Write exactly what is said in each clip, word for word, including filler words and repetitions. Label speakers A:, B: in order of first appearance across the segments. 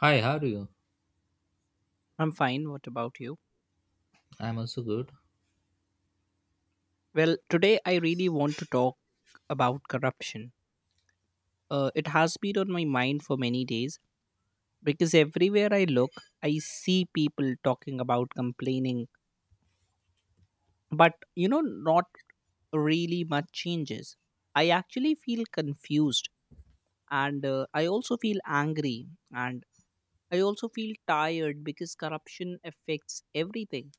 A: Hi, how are you?
B: I'm fine. What about you?
A: I'm also good.
B: Well, today I really want to talk about corruption. Uh, it has been on my mind for many days because everywhere I look, I see people talking about complaining, but you know, not really much changes. I actually feel confused, and uh, I also feel angry, and I also feel tired because corruption affects everything: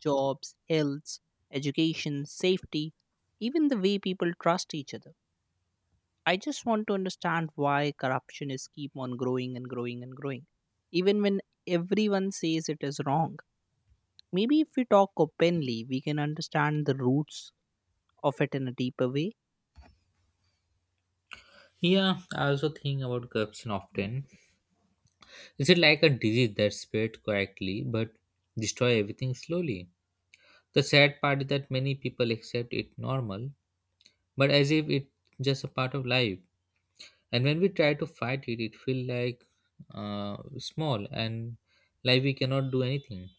B: jobs, health, education, safety, even the way people trust each other. I just want to understand why corruption is keep on growing and growing and growing, even when everyone says it is wrong. Maybe if we talk openly, we can understand the roots of it in a deeper way.
A: Yeah, I also think about corruption often. Is it like a disease that spread quietly but destroy everything slowly? The sad part is that many people accept it normal, but as if it's just a part of life. And when we try to fight it, it feels like uh, small, and like we cannot do anything.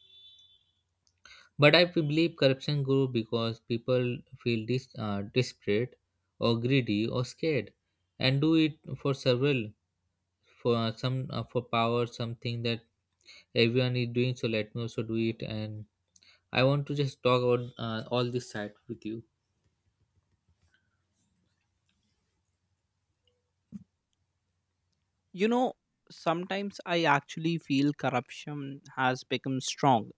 A: But I believe corruption grew because people feel dis- uh, desperate or greedy or scared, and do it for several for uh, some uh, for power, something that everyone is doing, so let me also do it. And I want to just talk about uh, all this side with you.
B: You know, Sometimes I actually feel corruption has become strong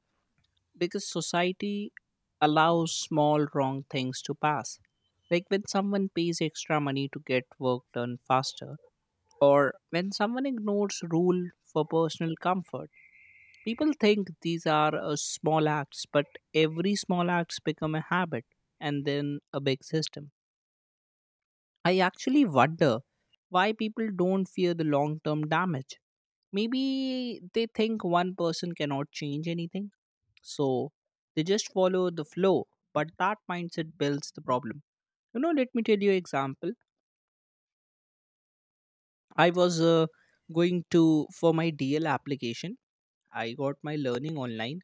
B: because society allows small wrong things to pass. Like when someone pays extra money to get work done faster, or when someone ignores rule for personal comfort. People think these are uh, small acts, but every small acts become a habit and then a big system. I actually wonder why people don't fear the long term damage. Maybe they think one person cannot change anything, so they just follow the flow, but that mindset builds the problem. You know, let me tell you an example. I was uh, going to for my D L application. I got my learning online.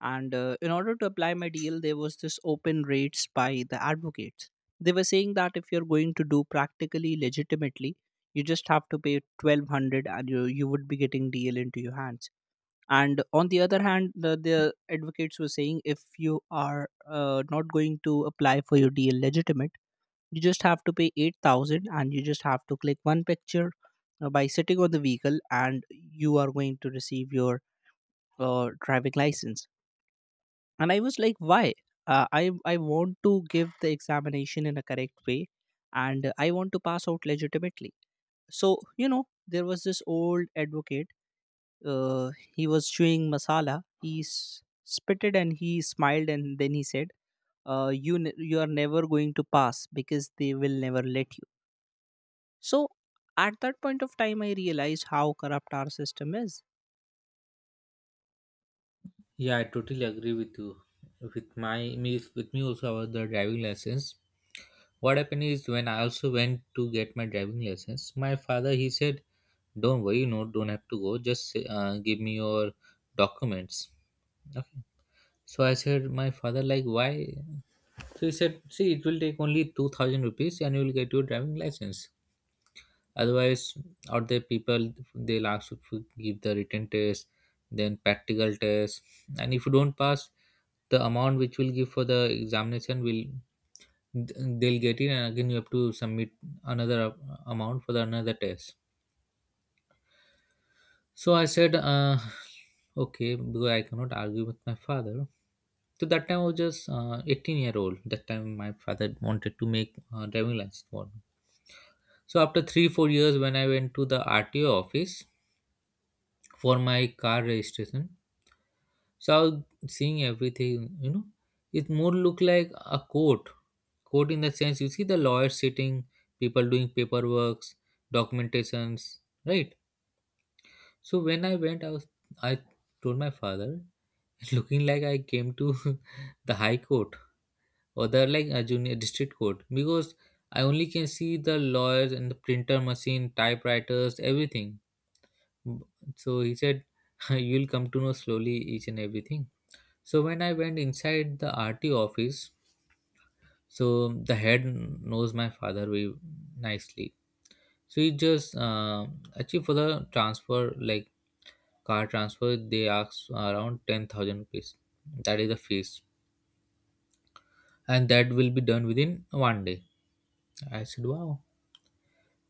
B: And uh, in order to apply my D L, there was this open rates by the advocates. They were saying that if you're going to do practically legitimately, you just have to pay twelve hundred, and you, you would be getting D L into your hands. And on the other hand, the, the advocates were saying if you are uh, not going to apply for your D L legitimate, you just have to pay eight thousand and you just have to click one picture uh, by sitting on the vehicle, and you are going to receive your uh, driving license. And I was like, why? Uh, i i want to give the examination in a correct way, and I want to pass out legitimately. So you know there was this old advocate. Uh, he was chewing masala, he s- spitted and he smiled, and then he said, uh, you ne- you are never going to pass because they will never let you. So at that point of time I realized how corrupt our system is.
A: Yeah, I totally agree with you, with my me with me also, about the driving lessons. What happened is, when I also went to get my driving lessons, my father, he said, don't worry, you know don't have to go, just uh, give me your documents. Okay. So I said my father, like, why? So he said, see, it will take only two thousand rupees and you will get your driving license. Otherwise, out there people they'll ask you to give the written test, then practical test, and if you don't pass, the amount which will give for the examination will they'll get it, and again you have to submit another amount for the another test. So I said, uh, okay, because I cannot argue with my father. So that time I was just uh, eighteen year old. That time my father wanted to make uh, driving license for me. So after three four years, when I went to the R T O office, for my car registration. So I was seeing everything, you know. It more look like a court. Court in the sense, you see the lawyers sitting, people doing paperwork, documentations, right? So when I went, I was I told my father, looking like I came to the high court, or the like a junior district court, because I only can see the lawyers and the printer machine, typewriters, everything. So he said, you'll come to know slowly each and everything. So when I went inside the R T office, so the head knows my father very nicely. So he just uh, actually, for the transfer, like car transfer, they ask around ten thousand rupees. That is the fees, and that will be done within one day. I said, wow.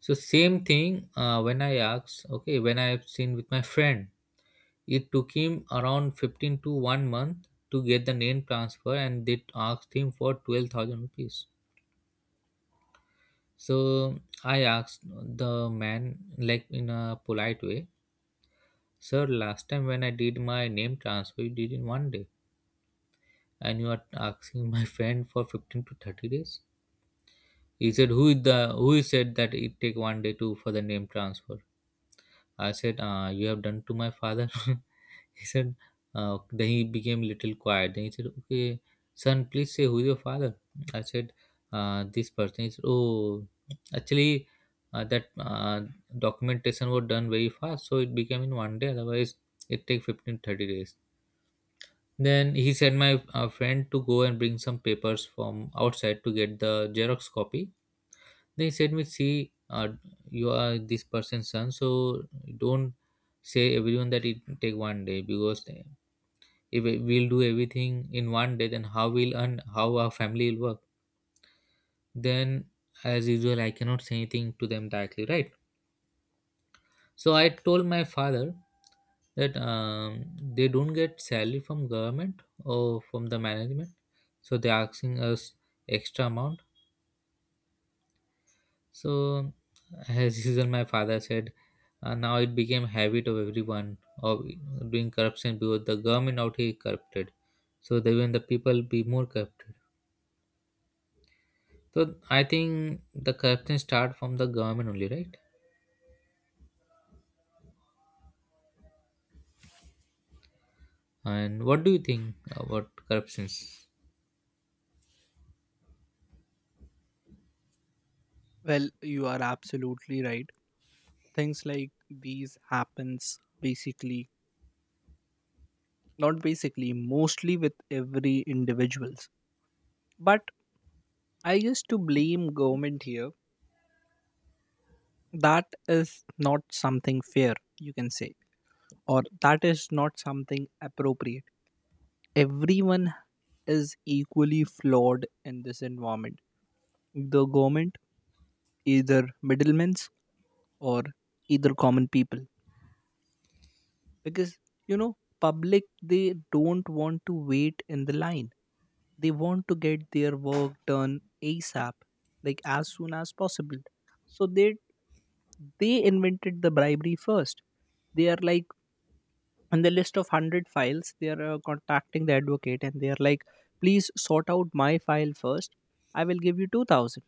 A: So same thing uh, when I asked, okay, when I have seen with my friend, it took him around fifteen to one month to get the name transfer, and they asked him for twelve thousand rupees. So I asked the man, like in a polite way, sir, last time when I did my name transfer, you did in one day, and you are asking my friend for fifteen to thirty days. He said, who is the who said that it take one day to for the name transfer? I said, uh, you have done to my father. He said, uh, then he became little quiet. Then he said, okay, son, please say, who is your father? I said, uh, this person. He said, oh, actually, uh, that uh, documentation was done very fast, so it became in one day. Otherwise, it take fifteen thirty days. Then he sent my uh, friend to go and bring some papers from outside to get the Xerox copy. Then he said me, see, uh, you are this person's son, so don't say everyone that it take one day, because if we- we'll do everything in one day, then how we'll earn, how our family will work. Then, as usual, I cannot say anything to them directly, right? So I told my father that um, they don't get salary from government or from the management, so they're asking us extra amount. So, as usual, my father said, uh, now it became habit of everyone of doing corruption, because the government out here is corrupted, so that even the people be more corrupt. So I think the corruption start from the government only, right? And what do you think about corruptions?
B: Well, you are absolutely right. Things like these happens basically, not basically, mostly with every individuals. But I guess to blame government here, that is not something fair you can say, or that is not something appropriate. Everyone is equally flawed in this environment. The government, either middlemen, or either common people, because you know public they don't want to wait in the line. They want to get their work done asap, like as soon as possible. So they they invented the bribery first. They are like, in the list of one hundred files they are uh, contacting the advocate, and they are like, please sort out my file first, I will give you two thousand.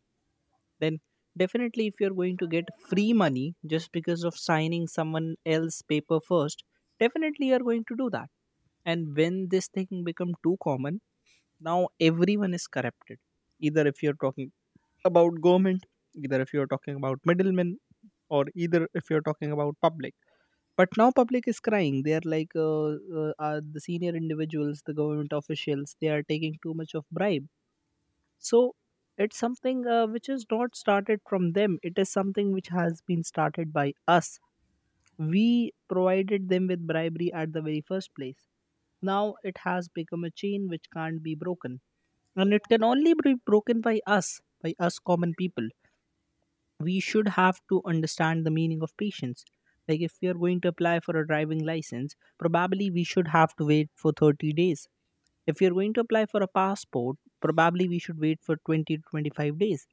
B: Then definitely if you're going to get free money just because of signing someone else's paper first, definitely you're going to do that. And when this thing become too common, now everyone is corrupted, either if you're talking about government, either if you're talking about middlemen, or either if you're talking about public. But now public is crying. They are like, uh, uh, uh, the senior individuals, the government officials, they are taking too much of bribe. So it's something uh, which is not started from them. It is something which has been started by us. We provided them with bribery at the very first place. Now it has become a chain which can't be broken, and it can only be broken by us, by us common people. We should have to understand the meaning of patience. Like if we are going to apply for a driving license, probably we should have to wait for thirty days. If you're going to apply for a passport, probably we should wait for twenty to twenty-five days,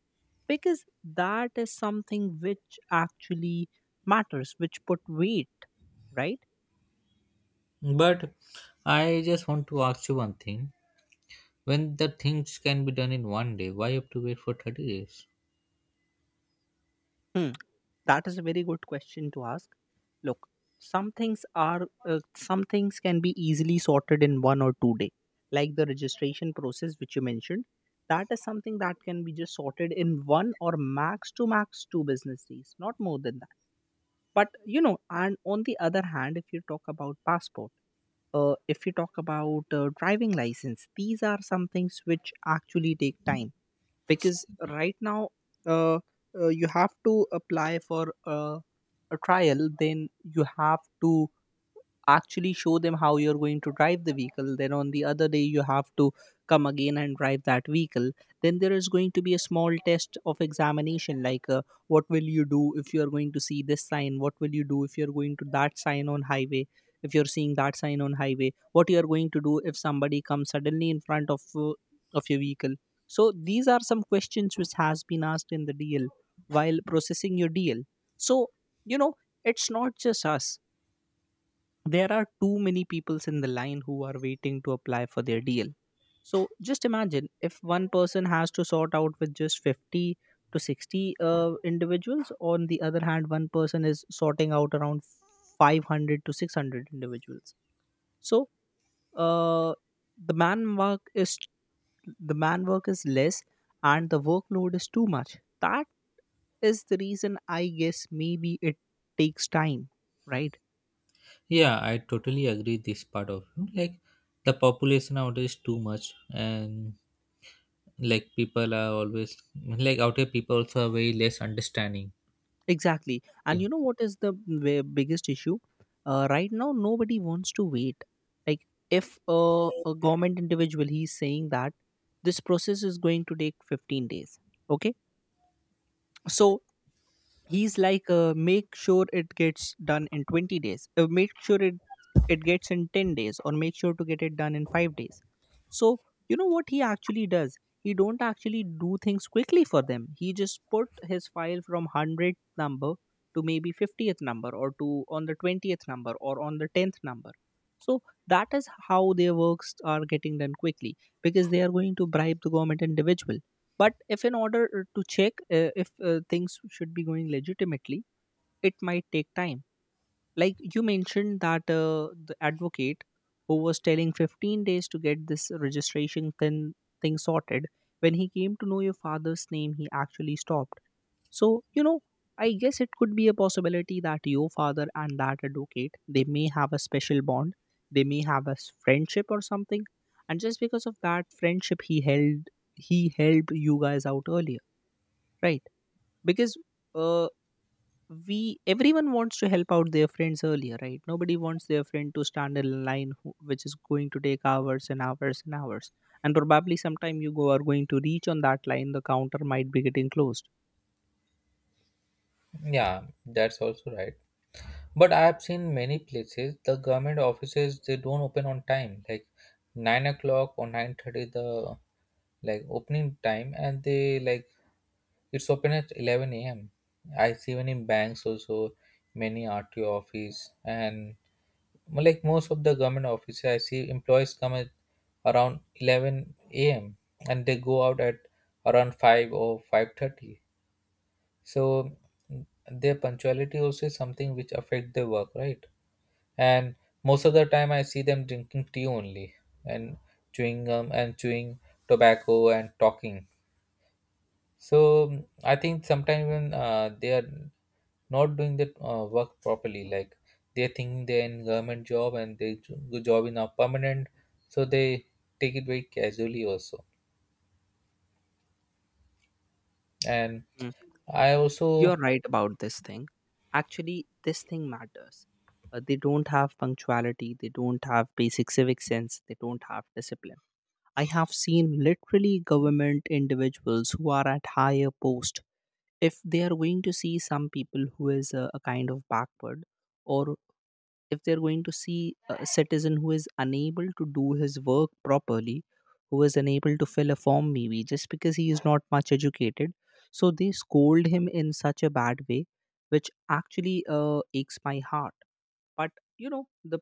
B: because that is something which actually matters, which put weight, right?
A: But I just want to ask you one thing. When the things can be done in one day, why you have to wait for thirty days?
B: Hmm. That is a very good question to ask. Look, some things are uh, some things can be easily sorted in one or two day, like the registration process which you mentioned. That is something that can be just sorted in one or max to max two business days, not more than that. But you know, and on the other hand, if you talk about passport, uh, if you talk about uh, driving license, these are some things which actually take time because right now, uh, uh, you have to apply for uh, a trial, then you have to actually show them how you're going to drive the vehicle. Then on the other day you have to come again and drive that vehicle. Then there is going to be a small test of examination, like uh, what will you do if you are going to see this sign, what will you do if you're going to that sign on highway. If you're seeing that sign on highway, what you are going to do if somebody comes suddenly in front of uh, of your vehicle. So these are some questions which has been asked in the deal while processing your deal. So you know it's not just us. There are too many peoples in the line who are waiting to apply for their deal. So just imagine, if one person has to sort out with just fifty to sixty uh, individuals, on the other hand one person is sorting out around five hundred to six hundred individuals. So uh, the man work is the man work is less, and the workload is too much. That is the reason, I guess. Maybe it takes time, right?
A: Yeah, I totally agree this part of you. Like, the population out is too much, and like people are always, like out here, people also are very less understanding.
B: Exactly.
A: Yeah.
B: And you know what is the w- biggest issue? Uh, right now, nobody wants to wait. Like, if a, a government individual, he's saying that this process is going to take fifteen days, okay? So he's like, uh, make sure it gets done in twenty days, uh, make sure it it gets in ten days, or make sure to get it done in five days. So you know what he actually does. He don't actually do things quickly for them, he just put his file from one hundredth number to maybe fiftieth number, or to on the twentieth number, or on the tenth number. So that is how their works are getting done quickly, because they are going to bribe the government individual. But if in order uh, to check uh, if uh, things should be going legitimately, it might take time. Like you mentioned that uh, the advocate who was telling fifteen days to get this registration thing, thing sorted, when he came to know your father's name he actually stopped. So you know I guess it could be a possibility that your father and that advocate, they may have a special bond. They may have a s- friendship or something, and just because of that friendship he held he helped you guys out earlier, right? Because uh we, everyone wants to help out their friends earlier, right? Nobody wants their friend to stand in line who, which is going to take hours and hours and hours, and probably sometime you go are going to reach on that line, the counter might be getting closed.
A: Yeah, that's also right. But I have seen many places, the government offices, they don't open on time, like nine o'clock or nine thirty, the like opening time, and they, like, it's open at eleven a m. I see, even in banks also, many R T O office, and well, like most of the government offices, I see employees come at around eleven a m and they go out at around five or five thirty. So their punctuality also is something which affect their work, right? And most of the time I see them drinking tea only, and chewing gum and chewing tobacco and talking. So, mm, I think sometimes when uh, they are not doing the uh, work properly, like they think they're in government job, and they jo- the job is now permanent, so they take it very casually also. And
B: Mm.
A: I also.
B: You're right about this thing. Actually, this thing matters. Uh, they don't have punctuality, they don't have basic civic sense, they don't have discipline. I have seen literally government individuals who are at higher post. If they are going to see some people who is a, a kind of backward, or if they're going to see a citizen who is unable to do his work properly, who is unable to fill a form maybe just because he is not much educated, so they scold him in such a bad way which actually uh, aches my heart. But you know the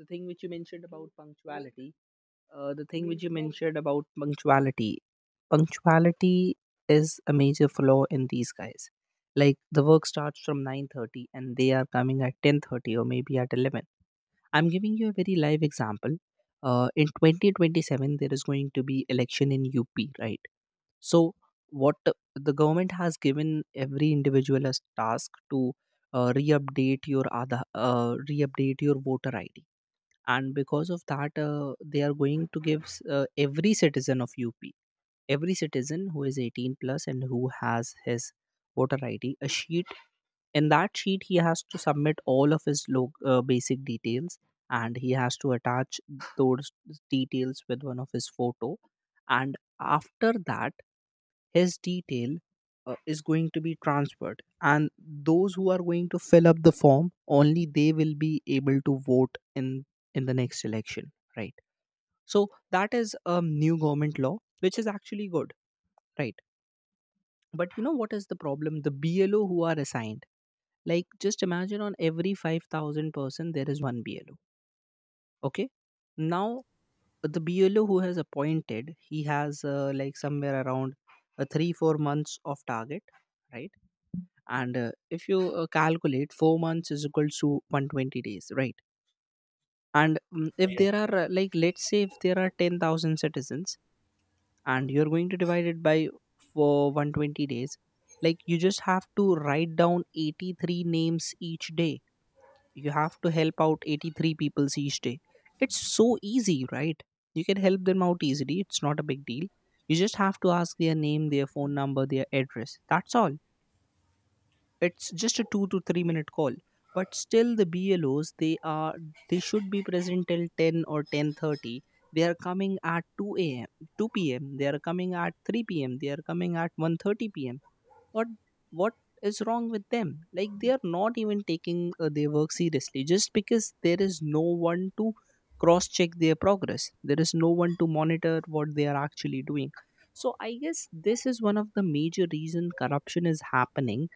B: the thing which you mentioned about punctuality, uh, the thing which you mentioned about punctuality punctuality is a major flaw in these guys. Like the work starts from nine thirty and they are coming at ten thirty, or maybe at eleven. I'm giving you a very live example. Uh, in twenty twenty-seven there is going to be election in UP, right? So what the the government has given every individual as task, to uh, re-update your other uh, re-update your voter id. And because of that, uh, they are going to give s- uh, every citizen of U P, every citizen who is eighteen plus and who has his voter I D, a sheet. In that sheet he has to submit all of his lo- uh, basic details, and he has to attach those details with one of his photo. And after that his detail uh, is going to be transferred, and those who are going to fill up the form only they will be able to vote in in the next election, right? So that is a new government law which is actually good, right? But you know what is the problem? The blo who are assigned, like just imagine, on every five thousand person there is one blo. Okay, now the blo who has appointed, he has uh, like somewhere around uh, three four months of target, right? And uh, if you uh, calculate, four months is equals to one hundred twenty days, right? And mm, if
A: Yeah,
B: there are uh, like, let's say if there are ten thousand citizens, and you're going to divide it by for one hundred twenty days, like you just have to write down eighty-three names each day. You have to help out eighty-three peoples each day. It's so easy, right? You can help them out easily, it's not a big deal. You just have to ask their name, their phone number, their address, that's all. It's just a two to three minute call. But still the blos, they are, they should be present till ten or ten thirty. They are coming at two a m two p m, they are coming at three p m, they are coming at one thirty p m. What? What is wrong with them? Like, they are not even taking uh, their work seriously, just because there is no one to cross check their progress, there is no one to monitor what they are actually doing. So I guess this is one of the major reason corruption is happening.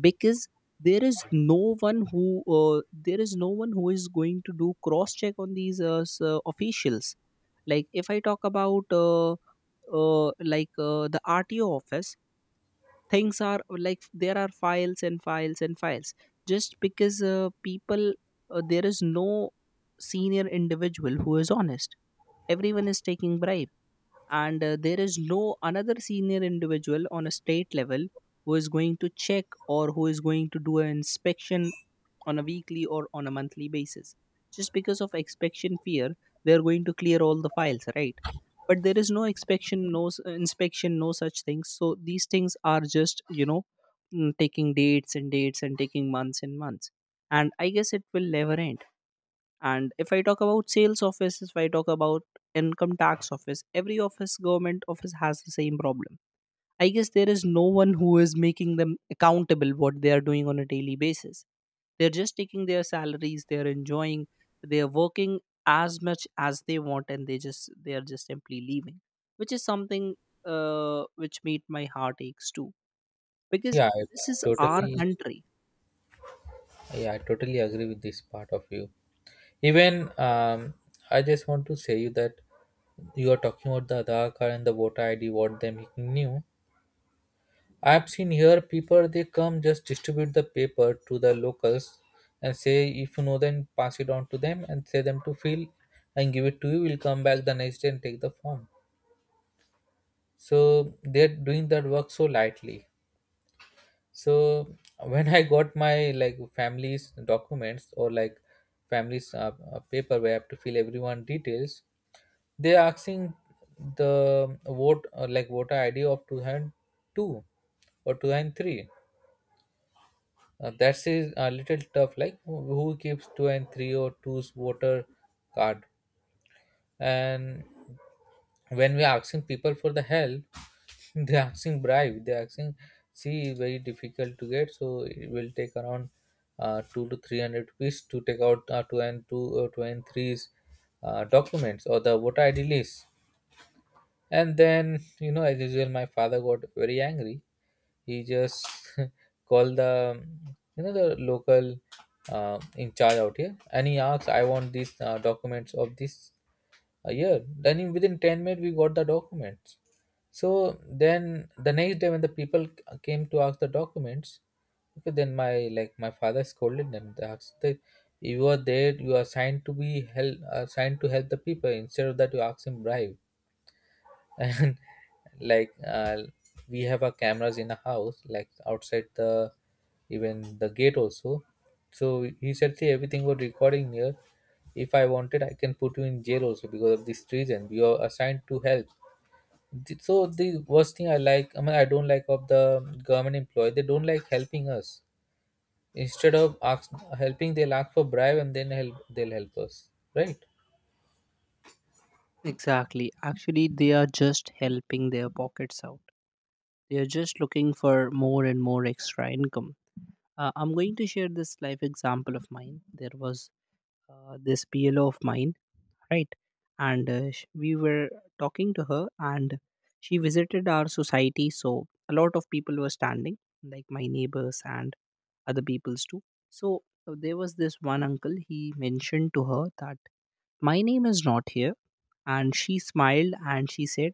B: Because there is no one who uh, there is no one who is going to do cross check on these uh, s- uh, officials. Like if I talk about uh, uh, like uh, the rto office, things are like there are files and files and files, just because uh, people, uh, there is no senior individual who is honest. Everyone is taking bribe. And uh, there is no another senior individual on a state level who is going to check or who is going to do an inspection on a weekly or on a monthly basis. Just because of inspection fear, they are going to clear all the files, right? But there is no inspection, no s- inspection, no such things. So these things are just you know mm, taking dates and dates and taking months and months, and I guess it will never end. And if I talk about sales office, if I talk about income tax office, every office, government office has the same problem. I guess there is no one who is making them accountable what they are doing on a daily basis. They're just taking their salaries, they're enjoying, they're working as much as they want, and they just, they are just simply leaving. Which is something, uh, which made my heart aches too, because
A: yeah, I
B: this is our
A: totally.
B: country.
A: Yeah, I totally agree with this part of you. Even um, I just want to say you that, you're talking about the Aadhaar card and the voter I D, what them he knew. I've seen here people they come just distribute the paper to the locals and say, if you know, then pass it on to them and say them to fill and give it to you. We'll come back the next day and take the form. So they're doing that work so lightly. So when I got my, like, family's documents, or like family's uh, uh, paper where I have to fill everyone details, they're asking the vote uh, like voter I D of two thousand two or two thousand three. Uh, that's is a little tough. Like, who who keeps two and three or two's voter card? And when we're asking people for the help, they're asking bribe. They're asking, see, very difficult to get. So it will take around uh, two to three hundred rupees to take out uh, two and two or two and three's uh, documents or the voter I D list. And then, you know, as usual, my father got very angry. He just called the, you know, the local uh, in charge out here, and he asked, I want these uh, documents of this uh, year. Then, in, within ten minutes, we got the documents. So then the next day, when the people c- came to ask the documents, okay, then my like my father scolded them. They asked that, you are there, you are assigned to be help, assigned to help the people. Instead of that, you ask him bribe, and like uh, we have our cameras in a house, like outside, the even the gate also. So he said, see, everything was recording here. If I wanted, I can put you in jail also, because of this reason you are assigned to help. Th- so the worst thing, i like I mean, I don't like of the government employee, they don't like helping us. Instead of ask, helping, they'll ask for bribe, and then help they'll help us, right?
B: Exactly. Actually, they are just helping their pockets out. They are just looking for more and more extra income. Uh, I'm going to share this life example of mine. There was uh, this P L O of mine, right? And uh, sh- we were talking to her, and she visited our society. So a lot of people were standing, like my neighbors and other people's too. So uh, there was this one uncle. He mentioned to her that my name is not here. And she smiled and she said,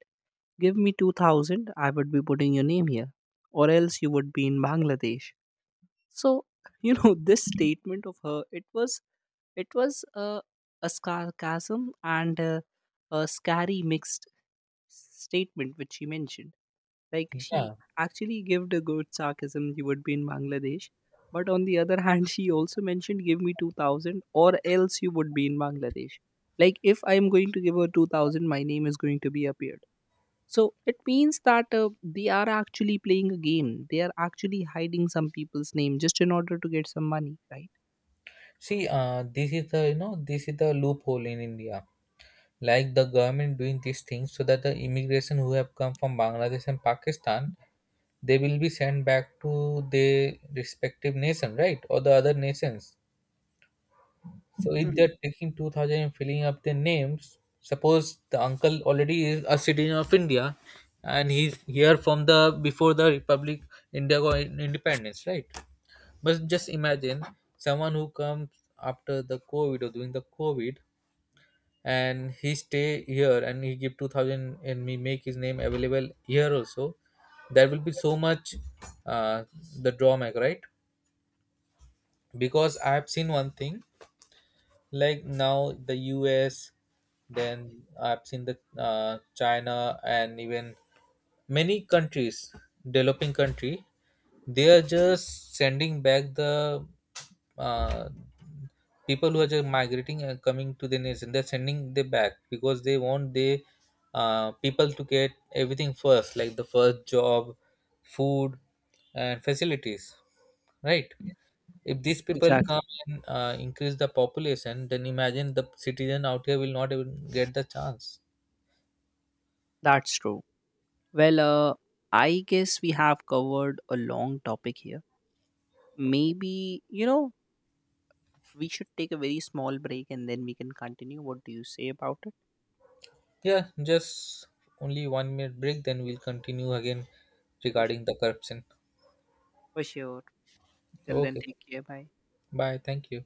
B: "Give me two thousand, I would be putting your name here, or else you would be in Bangladesh." So, you know, this statement of her, it was, it was a, a sarcasm and a, a scary mixed statement which she mentioned. Like,
A: Yeah,
B: she actually gave a good sarcasm, you would be in Bangladesh. But on the other hand, she also mentioned, give me two thousand or else you would be in Bangladesh. Like, if I am going to give her two thousand, my name is going to be appeared. So it means that uh, they are actually playing a game. They are actually hiding some people's name just in order to get some money, right?
A: see, uh this is the you know this is the loophole in India. Like, the government doing these things so that the immigration who have come from Bangladesh and Pakistan, they will be sent back to their respective nation, right, or the other nations. So if they're taking two thousand and filling up their names, suppose the uncle already is a citizen of India, and he's here from the before the republic India got independence, right? But just imagine, someone who comes after the COVID or during the COVID, and he stay here, and he give two thousand, and we make his name available here also, there will be so much uh, the drawback, right? Because I have seen one thing. Like, now the U S, then I've seen the uh, China, and even many countries, developing country, they are just sending back the uh, people who are just migrating and coming to the nation. They're sending them back because they want the uh, people to get everything first, like the first job, food, and facilities, right? If these people
B: Exactly.
A: come and uh, increase the population, then imagine the citizen out here will not even get the chance.
B: That's true. Well, uh, I guess we have covered a long topic here. Maybe, you know, we should take a very small break and then we can continue. What do you say about it?
A: Yeah, just only one minute break, then we'll continue again
B: For, s-
A: regarding the corruption.
B: for sure. Till then,
A: Okay,
B: take care. Bye.
A: bye. Thank you.